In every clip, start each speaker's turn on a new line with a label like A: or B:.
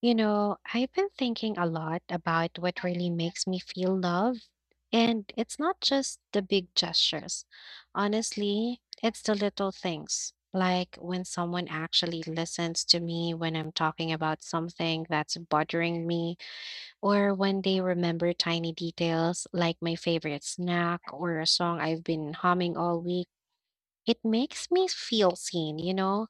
A: You know, I've been thinking a lot about what really makes me feel loved. And it's not just the big gestures. Honestly, it's the little things, like when someone actually listens to me when I'm talking about something that's bothering me, or when they remember tiny details like my favorite snack or a song I've been humming all week. It makes me feel seen, you know?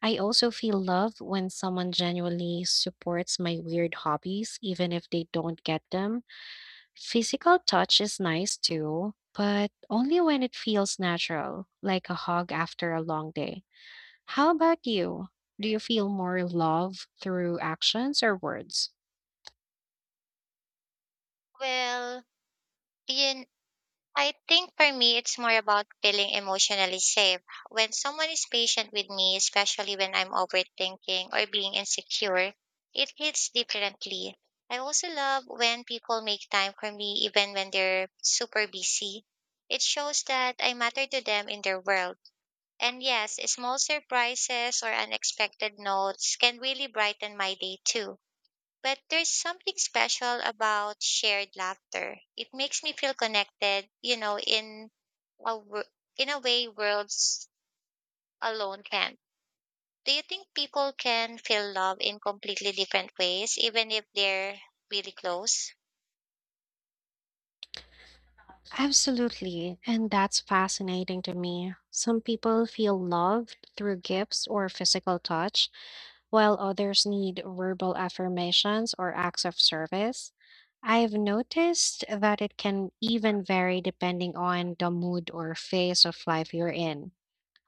A: I also feel love when someone genuinely supports my weird hobbies, even if they don't get them. Physical touch is nice too, but only when it feels natural, like a hug after a long day. How about you? Do you feel more love through actions or words?
B: Well, you, I think for me, it's more about feeling emotionally safe. When someone is patient with me, especially when I'm overthinking or being insecure, it hits differently. I also love when people make time for me, even when they're super busy. It shows that I matter to them in their world. And yes, small surprises or unexpected notes can really brighten my day too. But there's something special about shared laughter. It makes me feel connected, in a wo- in a way worlds alone can't. Do you think people can feel love in completely different ways, even if they're really close?
A: Absolutely, and that's fascinating to me. Some people feel loved through gifts or physical touch, while others need verbal affirmations or acts of service. I've noticed that it can even vary depending on the mood or phase of life you're in.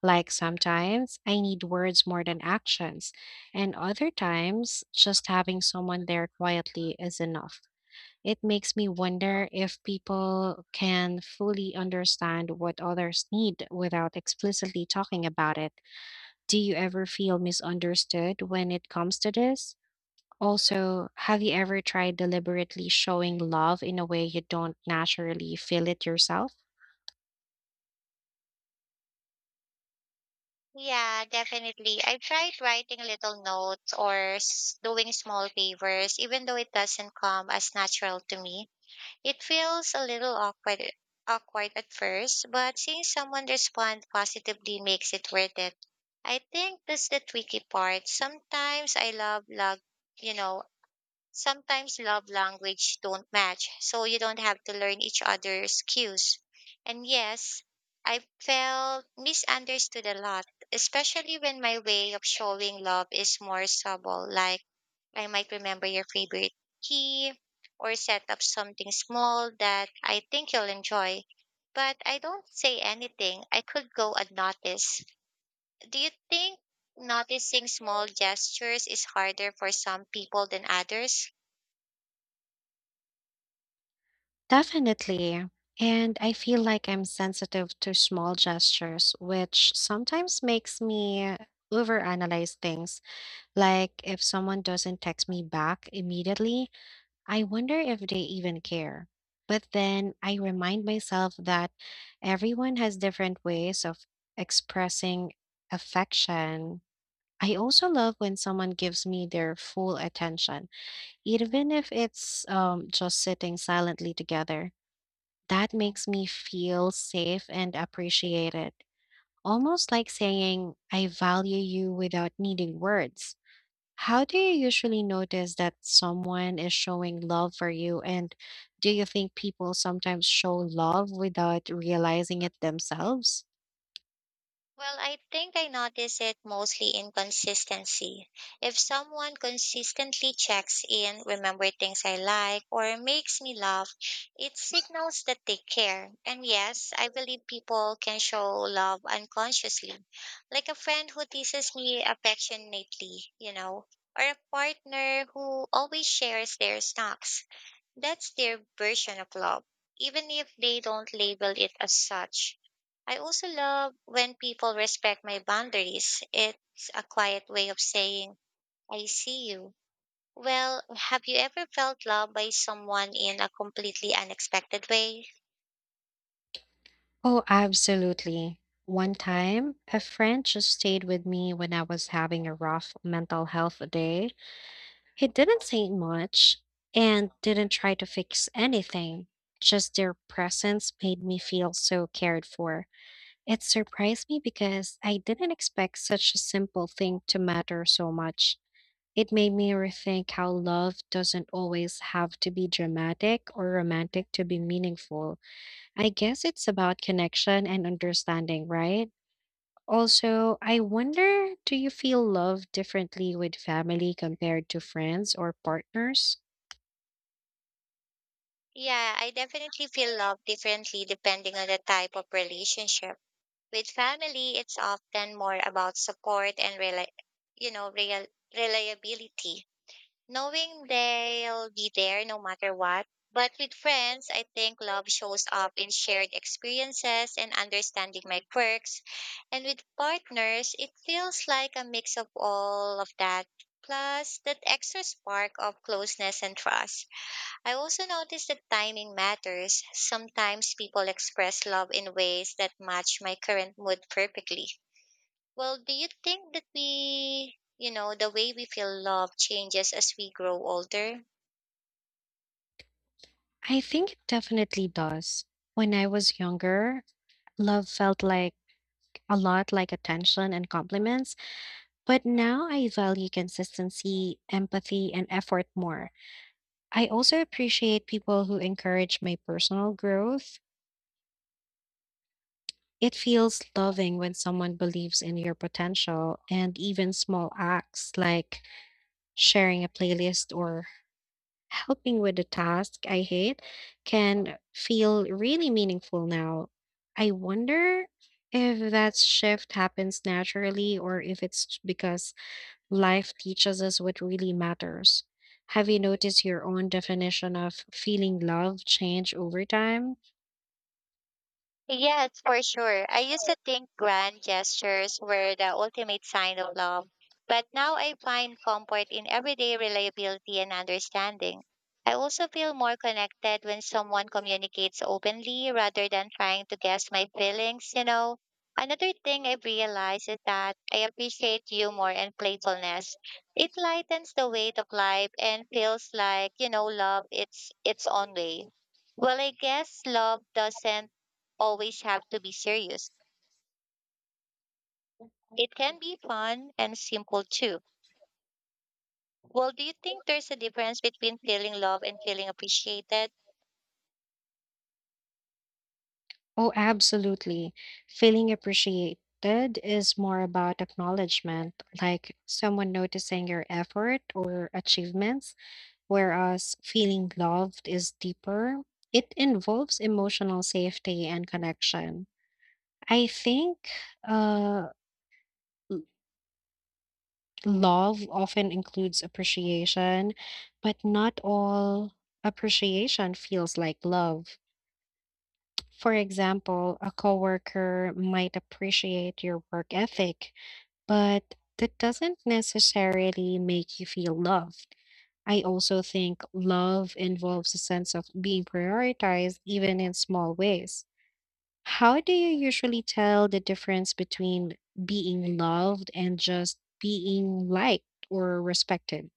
A: Like sometimes I need words more than actions, and other times just having someone there quietly is enough. It makes me wonder if people can fully understand what others need without explicitly talking about it. Do you ever feel misunderstood when it comes to this? Also, have you ever tried deliberately showing love in a way you don't naturally feel it yourself?
B: Yeah, definitely. I tried writing little notes or doing small favors, even though it doesn't come as natural to me. It feels a little awkward at first, but seeing someone respond positively makes it worth it. I think that's the tricky part. Sometimes I love, you know, sometimes love language don't match, so you don't have to learn each other's cues. And yes, I felt misunderstood a lot, especially when my way of showing love is more subtle, like I might remember your favorite key or set up something small that I think you'll enjoy. But I don't say anything. I could go unnoticed. Do you think noticing small gestures is harder for some people than others?
A: Definitely. And I feel like I'm sensitive to small gestures, which sometimes makes me overanalyze things. Like if someone doesn't text me back immediately, I wonder if they even care. But then I remind myself that everyone has different ways of expressing affection. I also love when someone gives me their full attention, even if it's just sitting silently together. That makes me feel safe and appreciated, almost like saying, "I value you," without needing words. How do you usually notice that someone is showing love for you? And do you think people sometimes show love without realizing it themselves?
B: Well, I think I notice it mostly in consistency. If someone consistently checks in, remember things I like, or makes me laugh, it signals that they care. And yes, I believe people can show love unconsciously, like a friend who teases me affectionately, or a partner who always shares their snacks. That's their version of love, even if they don't label it as such. I also love when people respect my boundaries. It's a quiet way of saying, I see you. Well, have you ever felt loved by someone in a completely unexpected way?
A: Oh, absolutely. One time, a friend just stayed with me when I was having a rough mental health day. He didn't say much and didn't try to fix anything. Just their presence made me feel so cared for. It surprised me because I didn't expect such a simple thing to matter so much. It made me rethink how love doesn't always have to be dramatic or romantic to be meaningful. I guess it's about connection and understanding, right? Also, I wonder, do you feel love differently with family compared to friends or partners?
B: Yeah, I definitely feel love differently depending on the type of relationship. With family, it's often more about support and you know, real- reliability knowing they'll be there no matter what. But with friends, I think love shows up in shared experiences and understanding my quirks. And with partners, it feels like a mix of all of that, plus that extra spark of closeness and trust. I also noticed that timing matters. Sometimes people express love in ways that match my current mood perfectly well, do you think that the way we feel love changes as we grow older?
A: I think it definitely does. When I was younger, love felt like a lot like attention and compliments. But now I value consistency, empathy, and effort more. I also appreciate people who encourage my personal growth. It feels loving when someone believes in your potential, and even small acts like sharing a playlist or helping with a task I hate can feel really meaningful now. I wonder if that shift happens naturally or if it's because life teaches us what really matters. Have you noticed your own definition of feeling love change over time?
B: Yes, for sure. I used to think grand gestures were the ultimate sign of love, but now I find comfort in everyday reliability and understanding. I also feel more connected when someone communicates openly rather than trying to guess my feelings. Another thing I've realized is that I appreciate humor and playfulness. It lightens the weight of life and feels like love it's its own way. Well, I guess love doesn't always have to be serious. It can be fun and simple too. Well, do you think there's a difference between feeling love and feeling appreciated?
A: Oh, absolutely. Feeling appreciated is more about acknowledgement, like someone noticing your effort or achievements, whereas feeling loved is deeper. It involves emotional safety and connection. I think uh, love often includes appreciation, but not all appreciation feels like love. For example, a coworker might appreciate your work ethic, but that doesn't necessarily make you feel loved. I also think love involves a sense of being prioritized, even in small ways. How do you usually tell the difference between being loved and just being liked or respected?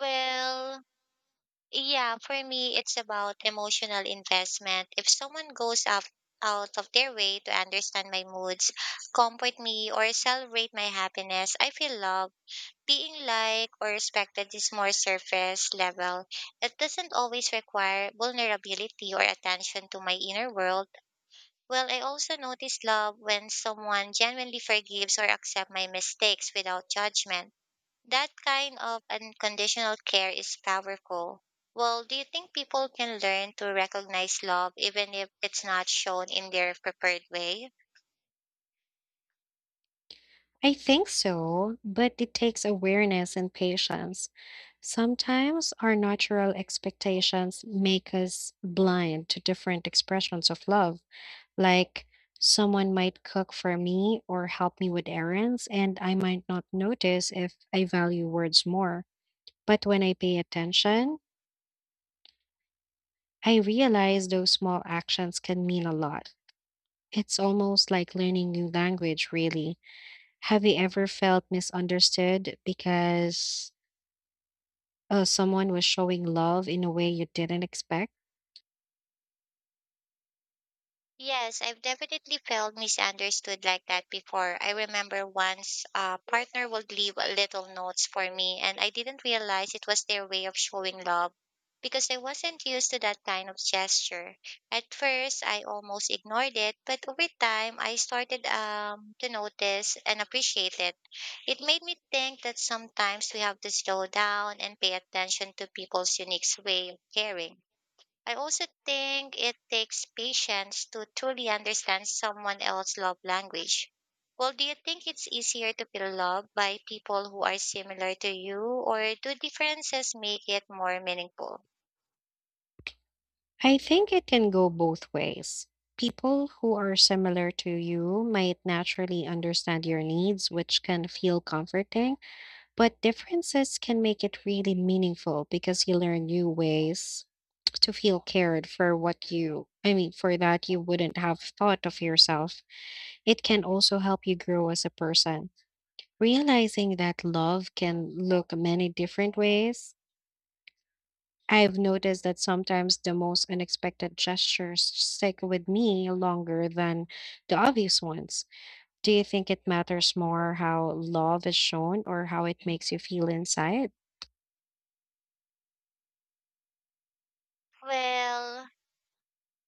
B: Well, yeah, for me, it's about emotional investment. If someone goes up, Out of their way to understand my moods, comfort me, or celebrate my happiness, I feel loved. Being liked or respected is more surface level. It doesn't always require vulnerability or attention to my inner world. Well, I also notice love when someone genuinely forgives or accepts my mistakes without judgment. That kind of unconditional care is powerful. Well, do you think people can learn to recognize love even if it's not shown in their preferred way?
A: I think so, but it takes awareness and patience. Sometimes our natural expectations make us blind to different expressions of love, like someone might cook for me or help me with errands, and I might not notice if I value words more. But when I pay attention, I realize those small actions can mean a lot. It's almost like learning new language, really. Have you ever felt misunderstood because someone was showing love in a way you didn't expect?
B: Yes, I've definitely felt misunderstood like that before. I remember once a partner would leave a little notes for me, and I didn't realize it was their way of showing love because I wasn't used to that kind of gesture. At first, I almost ignored it, but over time, I started to notice and appreciate it. It made me think that sometimes we have to slow down and pay attention to people's unique way of caring. I also think it takes patience to truly understand someone else's love language. Well, do you think it's easier to feel love by people who are similar to you, or do differences make it more meaningful?
A: I think it can go both ways. People who are similar to you might naturally understand your needs, which can feel comforting, but differences can make it really meaningful because you learn new ways to feel cared for I mean, for that you wouldn't have thought of yourself. It can also help you grow as a person, realizing that love can look many different ways. I've noticed that sometimes the most unexpected gestures stick with me longer than the obvious ones. Do you think it matters more how love is shown or how it makes you feel inside?
B: Well,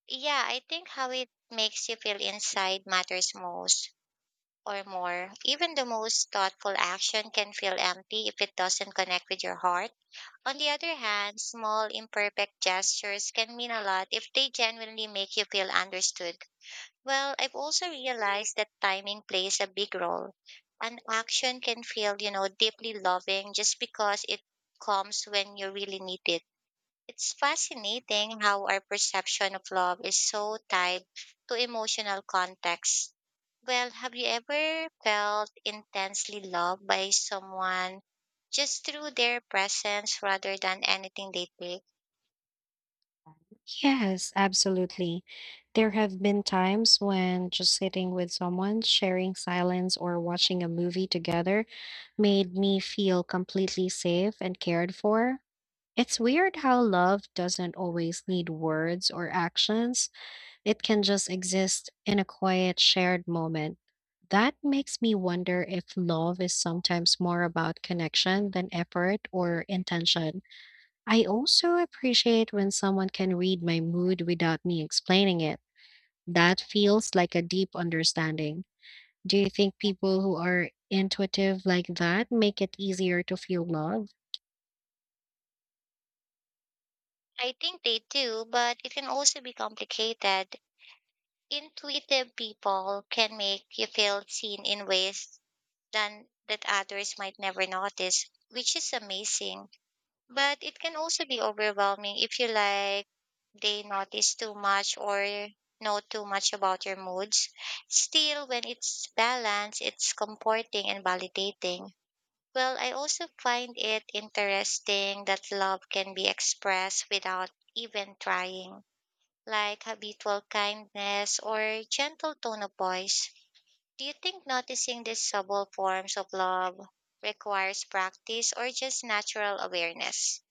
B: yeah, I think how it makes you feel inside matters most or more. Even the most thoughtful action can feel empty if it doesn't connect with your heart. On the other hand, small, imperfect gestures can mean a lot if they genuinely make you feel understood. Well, I've also realized that timing plays a big role. An action can feel, deeply loving just because it comes when you really need it. It's fascinating how our perception of love is so tied to emotional context. Well, have you ever felt intensely loved by someone just through their presence rather than anything they did?
A: Yes, absolutely. There have been times when just sitting with someone, sharing silence, or watching a movie together made me feel completely safe and cared for. It's weird how love doesn't always need words or actions. It can just exist in a quiet, shared moment. That makes me wonder if love is sometimes more about connection than effort or intention. I also appreciate when someone can read my mood without me explaining it. That feels like a deep understanding. Do you think people who are intuitive like that make it easier to feel love?
B: I think they do, but it can also be complicated. Intuitive people can make you feel seen in ways than that others might never notice, which is amazing. But it can also be overwhelming if you like they notice too much or know too much about your moods. Still, when it's balanced, it's comforting and validating. Well, I also find it interesting that love can be expressed without even trying, like habitual kindness or gentle tone of voice. Do you think noticing these subtle forms of love requires practice or just natural awareness?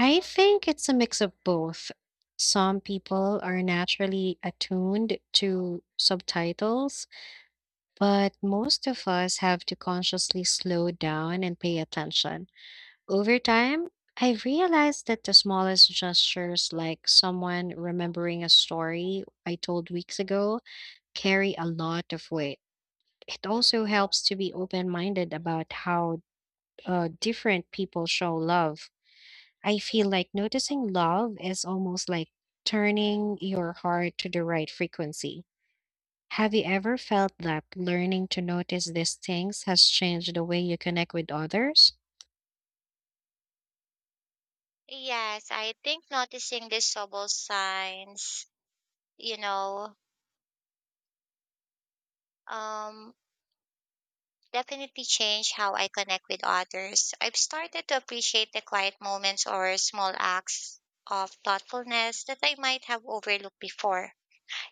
A: I think it's a mix of both. Some people are naturally attuned to subtitles, but most of us have to consciously slow down and pay attention. Over time, I've realized that the smallest gestures, like someone remembering a story I told weeks ago, carry a lot of weight. It also helps to be open minded about how different people show love. I feel like noticing love is almost like turning your heart to the right frequency. Have you ever felt that learning to notice these things has changed the way you connect with others?
B: Yes, I think noticing these subtle signs, you know, um, definitely change how I connect with others. I've started to appreciate the quiet moments or small acts of thoughtfulness that I might have overlooked before.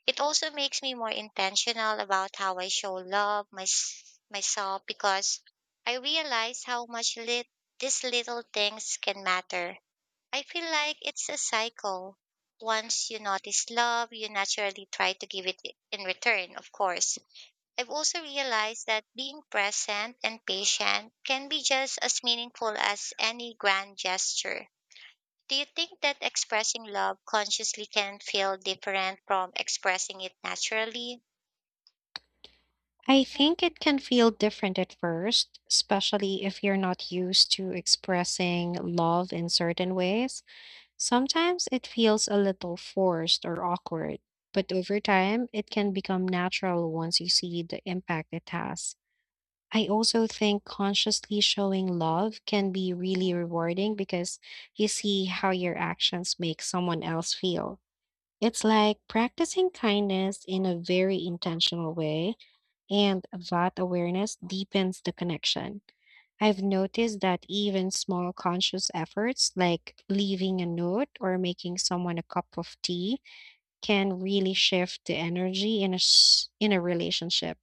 B: It also makes me more intentional about how I show love myself because I realize how much these little things can matter. I feel like it's a cycle. Once you notice love, you naturally try to give it in return, of course. I've also realized that being present and patient can be just as meaningful as any grand gesture. Do you think that expressing love consciously can feel different from expressing it naturally?
A: I think it can feel different at first, especially if you're not used to expressing love in certain ways. Sometimes it feels a little forced or awkward, but over time, it can become natural once you see the impact it has. I also think consciously showing love can be really rewarding because you see how your actions make someone else feel. It's like practicing kindness in a very intentional way, and that awareness deepens the connection. I've noticed that even small conscious efforts like leaving a note or making someone a cup of tea can really shift the energy in a relationship.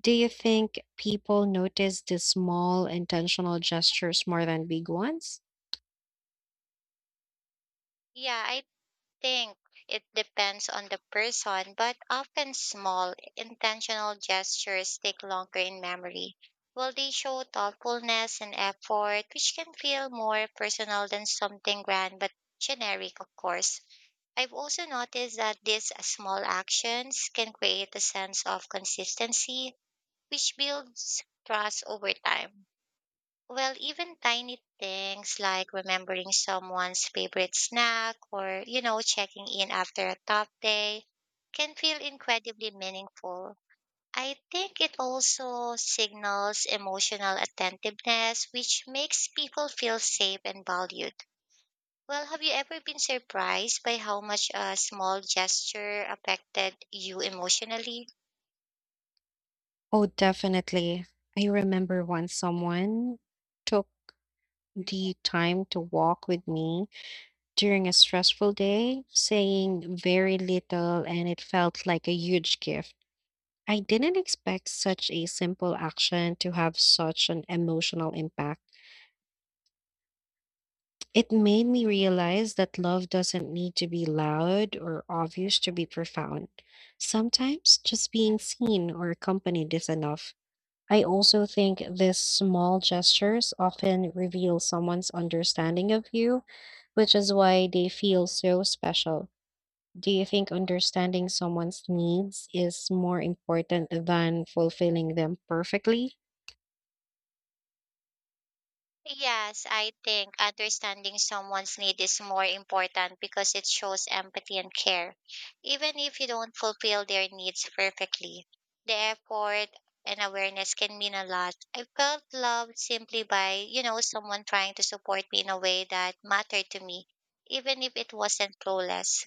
A: Do you think people notice the small intentional gestures more than big ones?
B: Yeah, I think it depends on the person, but often small, intentional gestures stick longer in memory. Well, they show thoughtfulness and effort, which can feel more personal than something grand but generic, of course. I've also noticed that these small actions can create a sense of consistency, which builds trust over time. Well, even tiny things like remembering someone's favorite snack or checking in after a tough day can feel incredibly meaningful. I think it also signals emotional attentiveness, which makes people feel safe and valued. Well, have you ever been surprised by how much a small gesture affected you emotionally?
A: Oh, definitely. I remember once someone took the time to walk with me during a stressful day, saying very little, and it felt like a huge gift. I didn't expect such a simple action to have such an emotional impact. It made me realize that love doesn't need to be loud or obvious to be profound. Sometimes just being seen or accompanied is enough. I also think these small gestures often reveal someone's understanding of you, which is why they feel so special. Do you think understanding someone's needs is more important than fulfilling them perfectly?
B: Yes, I think understanding someone's need is more important because it shows empathy and care. Even if you don't fulfill their needs perfectly, the effort and awareness can mean a lot. I felt loved simply by someone trying to support me in a way that mattered to me, even if it wasn't flawless.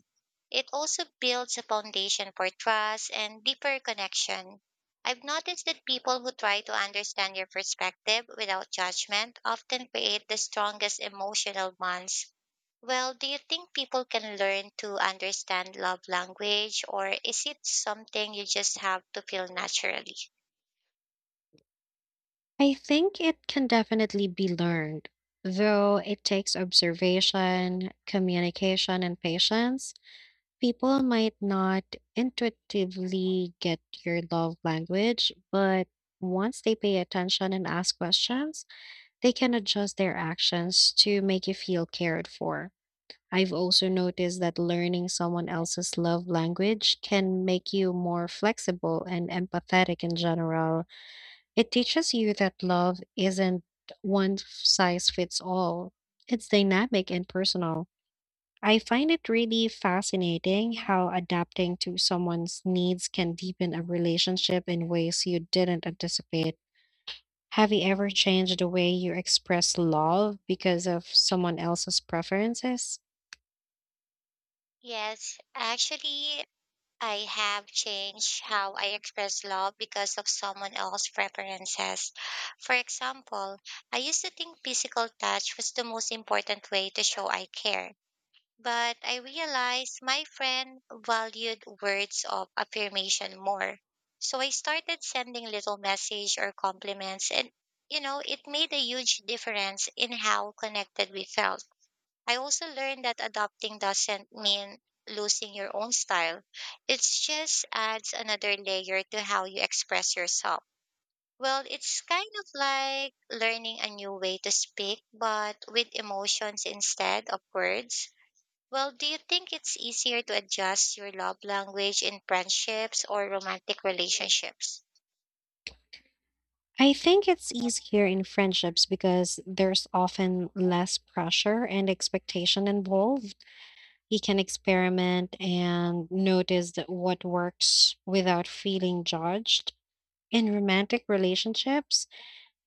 B: It also builds a foundation for trust and deeper connection. I've noticed that people who try to understand your perspective without judgment often create the strongest emotional bonds. Well, do you think people can learn to understand love language, or is it something you just have to feel naturally?
A: I think it can definitely be learned, though it takes observation, communication, and patience. People might not intuitively get your love language, but once they pay attention and ask questions, they can adjust their actions to make you feel cared for. I've also noticed that learning someone else's love language can make you more flexible and empathetic in general. It teaches you that love isn't one size fits all, it's dynamic and personal. I find it really fascinating how adapting to someone's needs can deepen a relationship in ways you didn't anticipate. Have you ever changed the way you express love because of someone else's preferences?
B: Yes, actually, I have changed how I express love because of someone else's preferences. For example, I used to think physical touch was the most important way to show I care. But I realized my friend valued words of affirmation more. So I started sending little message or compliments and, it made a huge difference in how connected we felt. I also learned that adopting doesn't mean losing your own style. It just adds another layer to how you express yourself. Well, it's kind of like learning a new way to speak, but with emotions instead of words. Well, do you think it's easier to adjust your love language in friendships or romantic relationships?
A: I think it's easier in friendships because there's often less pressure and expectation involved. You can experiment and notice that what works without feeling judged. In romantic relationships,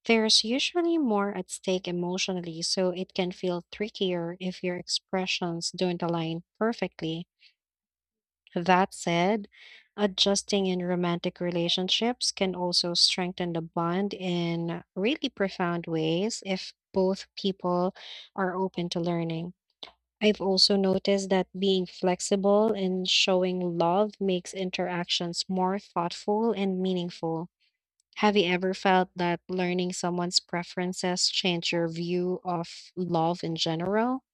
A: there's usually more at stake emotionally, so it can feel trickier if your expressions don't align perfectly. That said, adjusting in romantic relationships can also strengthen the bond in really profound ways if both people are open to learning. I've also noticed that being flexible and showing love makes interactions more thoughtful and meaningful. Have you ever felt that learning someone's preferences changed your view of love in general?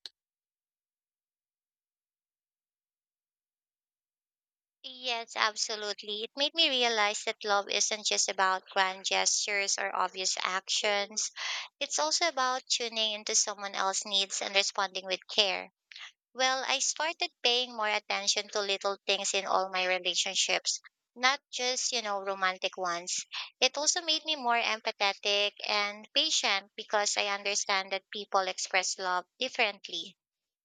B: Yes, absolutely. It made me realize that love isn't just about grand gestures or obvious actions. It's also about tuning into someone else's needs and responding with care. Well, I started paying more attention to little things in all my relationships, not just romantic ones. It also made me more empathetic and patient because I understand that people express love differently.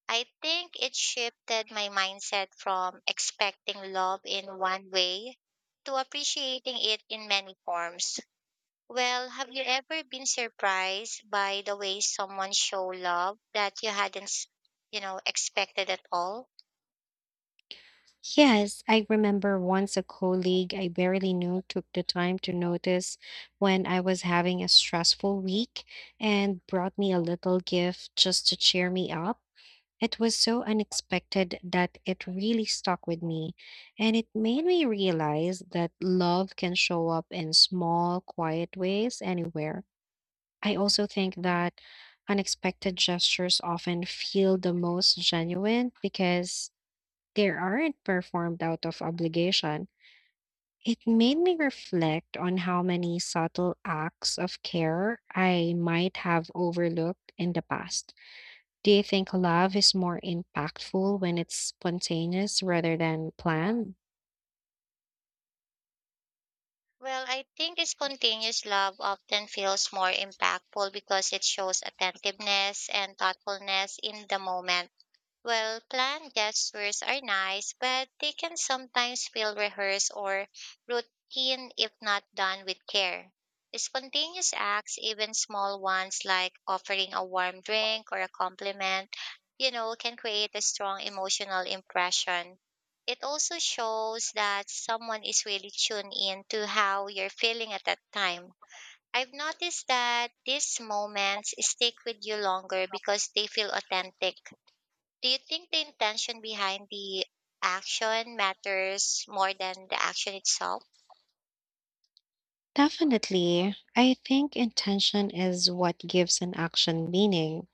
B: I think it shifted my mindset from expecting love in one way to appreciating it in many forms. Well, have you ever been surprised by the way someone show love that you hadn't expected at all?
A: Yes, I remember once a colleague I barely knew took the time to notice when I was having a stressful week and brought me a little gift just to cheer me up. It was so unexpected that it really stuck with me, and it made me realize that love can show up in small, quiet ways anywhere. I also think that unexpected gestures often feel the most genuine because they aren't performed out of obligation. It made me reflect on how many subtle acts of care I might have overlooked in the past. Do you think love is more impactful when it's spontaneous rather than planned?
B: Well, I think spontaneous love often feels more impactful because it shows attentiveness and thoughtfulness in the moment. Well, planned gestures are nice, but they can sometimes feel rehearsed or routine if not done with care. Spontaneous acts, even small ones like offering a warm drink or a compliment, can create a strong emotional impression. It also shows that someone is really tuned in to how you're feeling at that time. I've noticed that these moments stick with you longer because they feel authentic. Do you think the intention behind the action matters more than the action itself?
A: Definitely. I think intention is what gives an action meaning.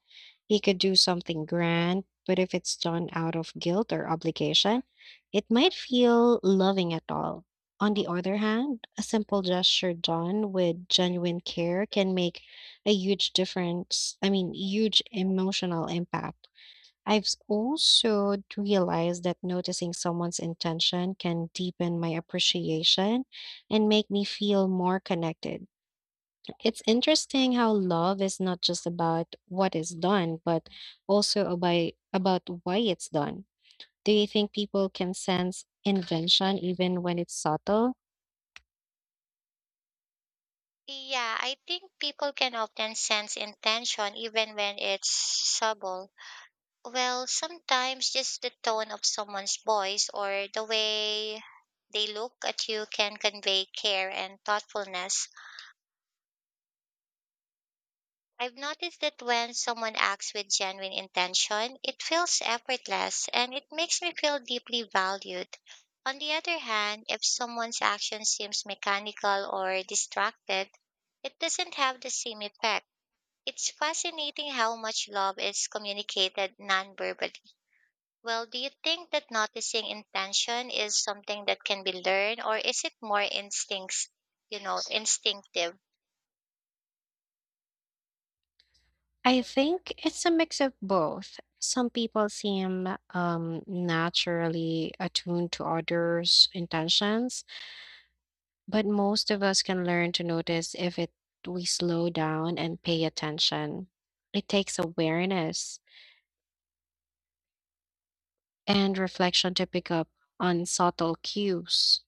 A: He could do something grand, but if it's done out of guilt or obligation, it might feel loving at all. On the other hand, a simple gesture done with genuine care can make a huge difference. I mean, huge emotional impact. Also realized that noticing someone's intention can deepen my appreciation and make me feel more connected. It's interesting how love is not just about what is done, but about why it's done. Do you think people can sense invention even when it's subtle?
B: Yeah, I think people can often sense intention even when it's subtle. Well, sometimes just the tone of someone's voice or the way they look at you can convey care and thoughtfulness. I've noticed that when someone acts with genuine intention, it feels effortless and it makes me feel deeply valued. On the other hand, if someone's action seems mechanical or distracted, it doesn't have the same effect. It's fascinating how much love is communicated non-verbally. Well, do you think that noticing intention is something that can be learned or is it more instinctive?
A: I think it's a mix of both. Some people seem naturally attuned to others' intentions, but most of us can learn to notice if it we slow down and pay attention. It takes awareness and reflection to pick up on subtle cues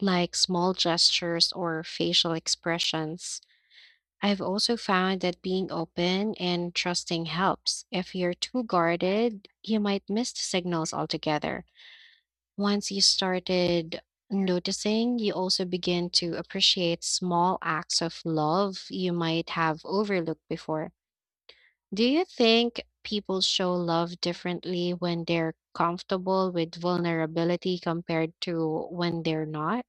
A: like small gestures or facial expressions. I've also found that being open and trusting helps. If you're too guarded, you might miss the signals altogether. Once you started noticing, you also begin to appreciate small acts of love you might have overlooked before. Do you think people show love differently when they're comfortable with vulnerability compared to when they're not?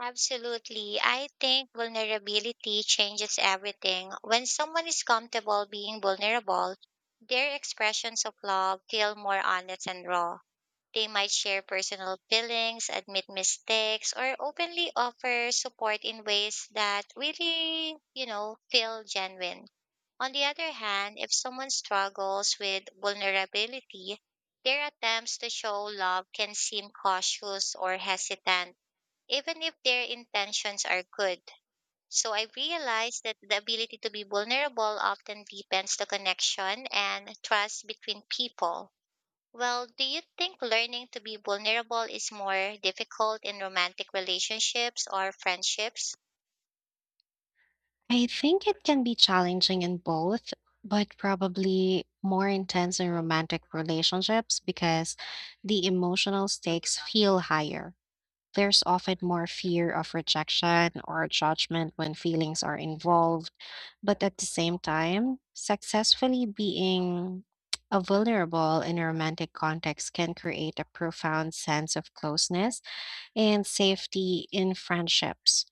B: Absolutely. I think vulnerability changes everything. When someone is comfortable being vulnerable, their expressions of love feel more honest and raw. They might share personal feelings, admit mistakes, or openly offer support in ways that really, feel genuine. On the other hand, if someone struggles with vulnerability, their attempts to show love can seem cautious or hesitant even if their intentions are good. So I realized that the ability to be vulnerable often deepens the connection and trust between people. Well, do you think learning to be vulnerable is more difficult in romantic relationships or friendships?
A: I think it can be challenging in both, but probably more intense in romantic relationships because the emotional stakes feel higher. There's often more fear of rejection or judgment when feelings are involved. But at the same time, successfully being a vulnerable in a romantic context can create a profound sense of closeness and safety in friendships.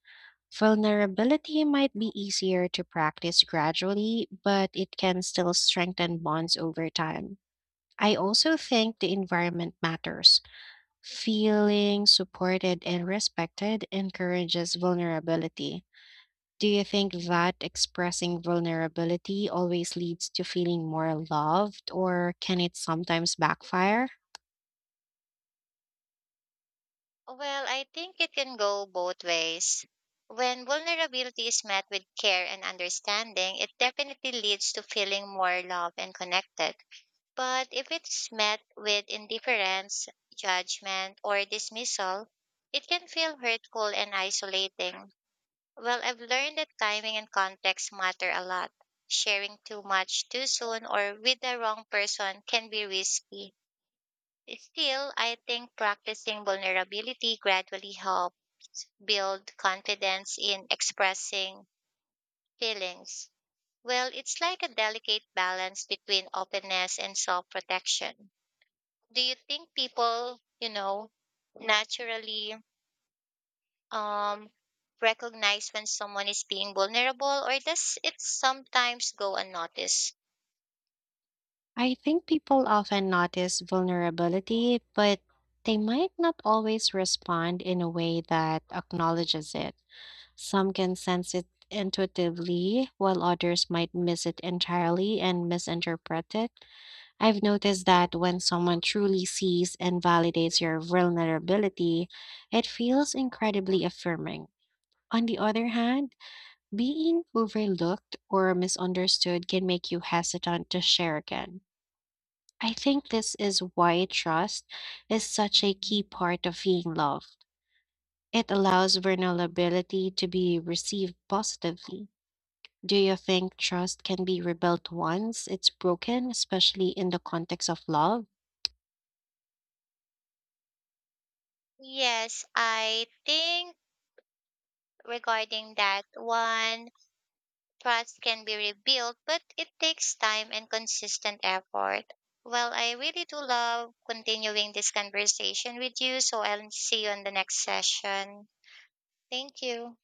A: Vulnerability might be easier to practice gradually, but it can still strengthen bonds over time. I also think the environment matters. Feeling supported and respected encourages vulnerability. Do you think that expressing vulnerability always leads to feeling more loved, or can it sometimes backfire?
B: Well, I think it can go both ways. When vulnerability is met with care and understanding, it definitely leads to feeling more loved and connected. But if it's met with indifference, judgment, or dismissal, it can feel hurtful and isolating. Well, I've learned that timing and context matter a lot. Sharing too much too soon or with the wrong person can be risky. Still, I think practicing vulnerability gradually helps build confidence in expressing feelings. Well, it's like a delicate balance between openness and self protection. Do you think people naturally um recognize when someone is being vulnerable, or does it sometimes go unnoticed?
A: I think people often notice vulnerability, but they might not always respond in a way that acknowledges it. Some can sense it intuitively, while others might miss it entirely and misinterpret it. I've noticed that when someone truly sees and validates your vulnerability, it feels incredibly affirming. On the other hand, being overlooked or misunderstood can make you hesitant to share again. I think this is why trust is such a key part of being loved. It allows vulnerability to be received positively. Do you think trust can be rebuilt once it's broken, especially in the context of love?
B: Yes, I think regarding that one, trust can be rebuilt, but it takes time and consistent effort. Well, I really do love continuing this conversation with you, so I'll see you on the next session. Thank you.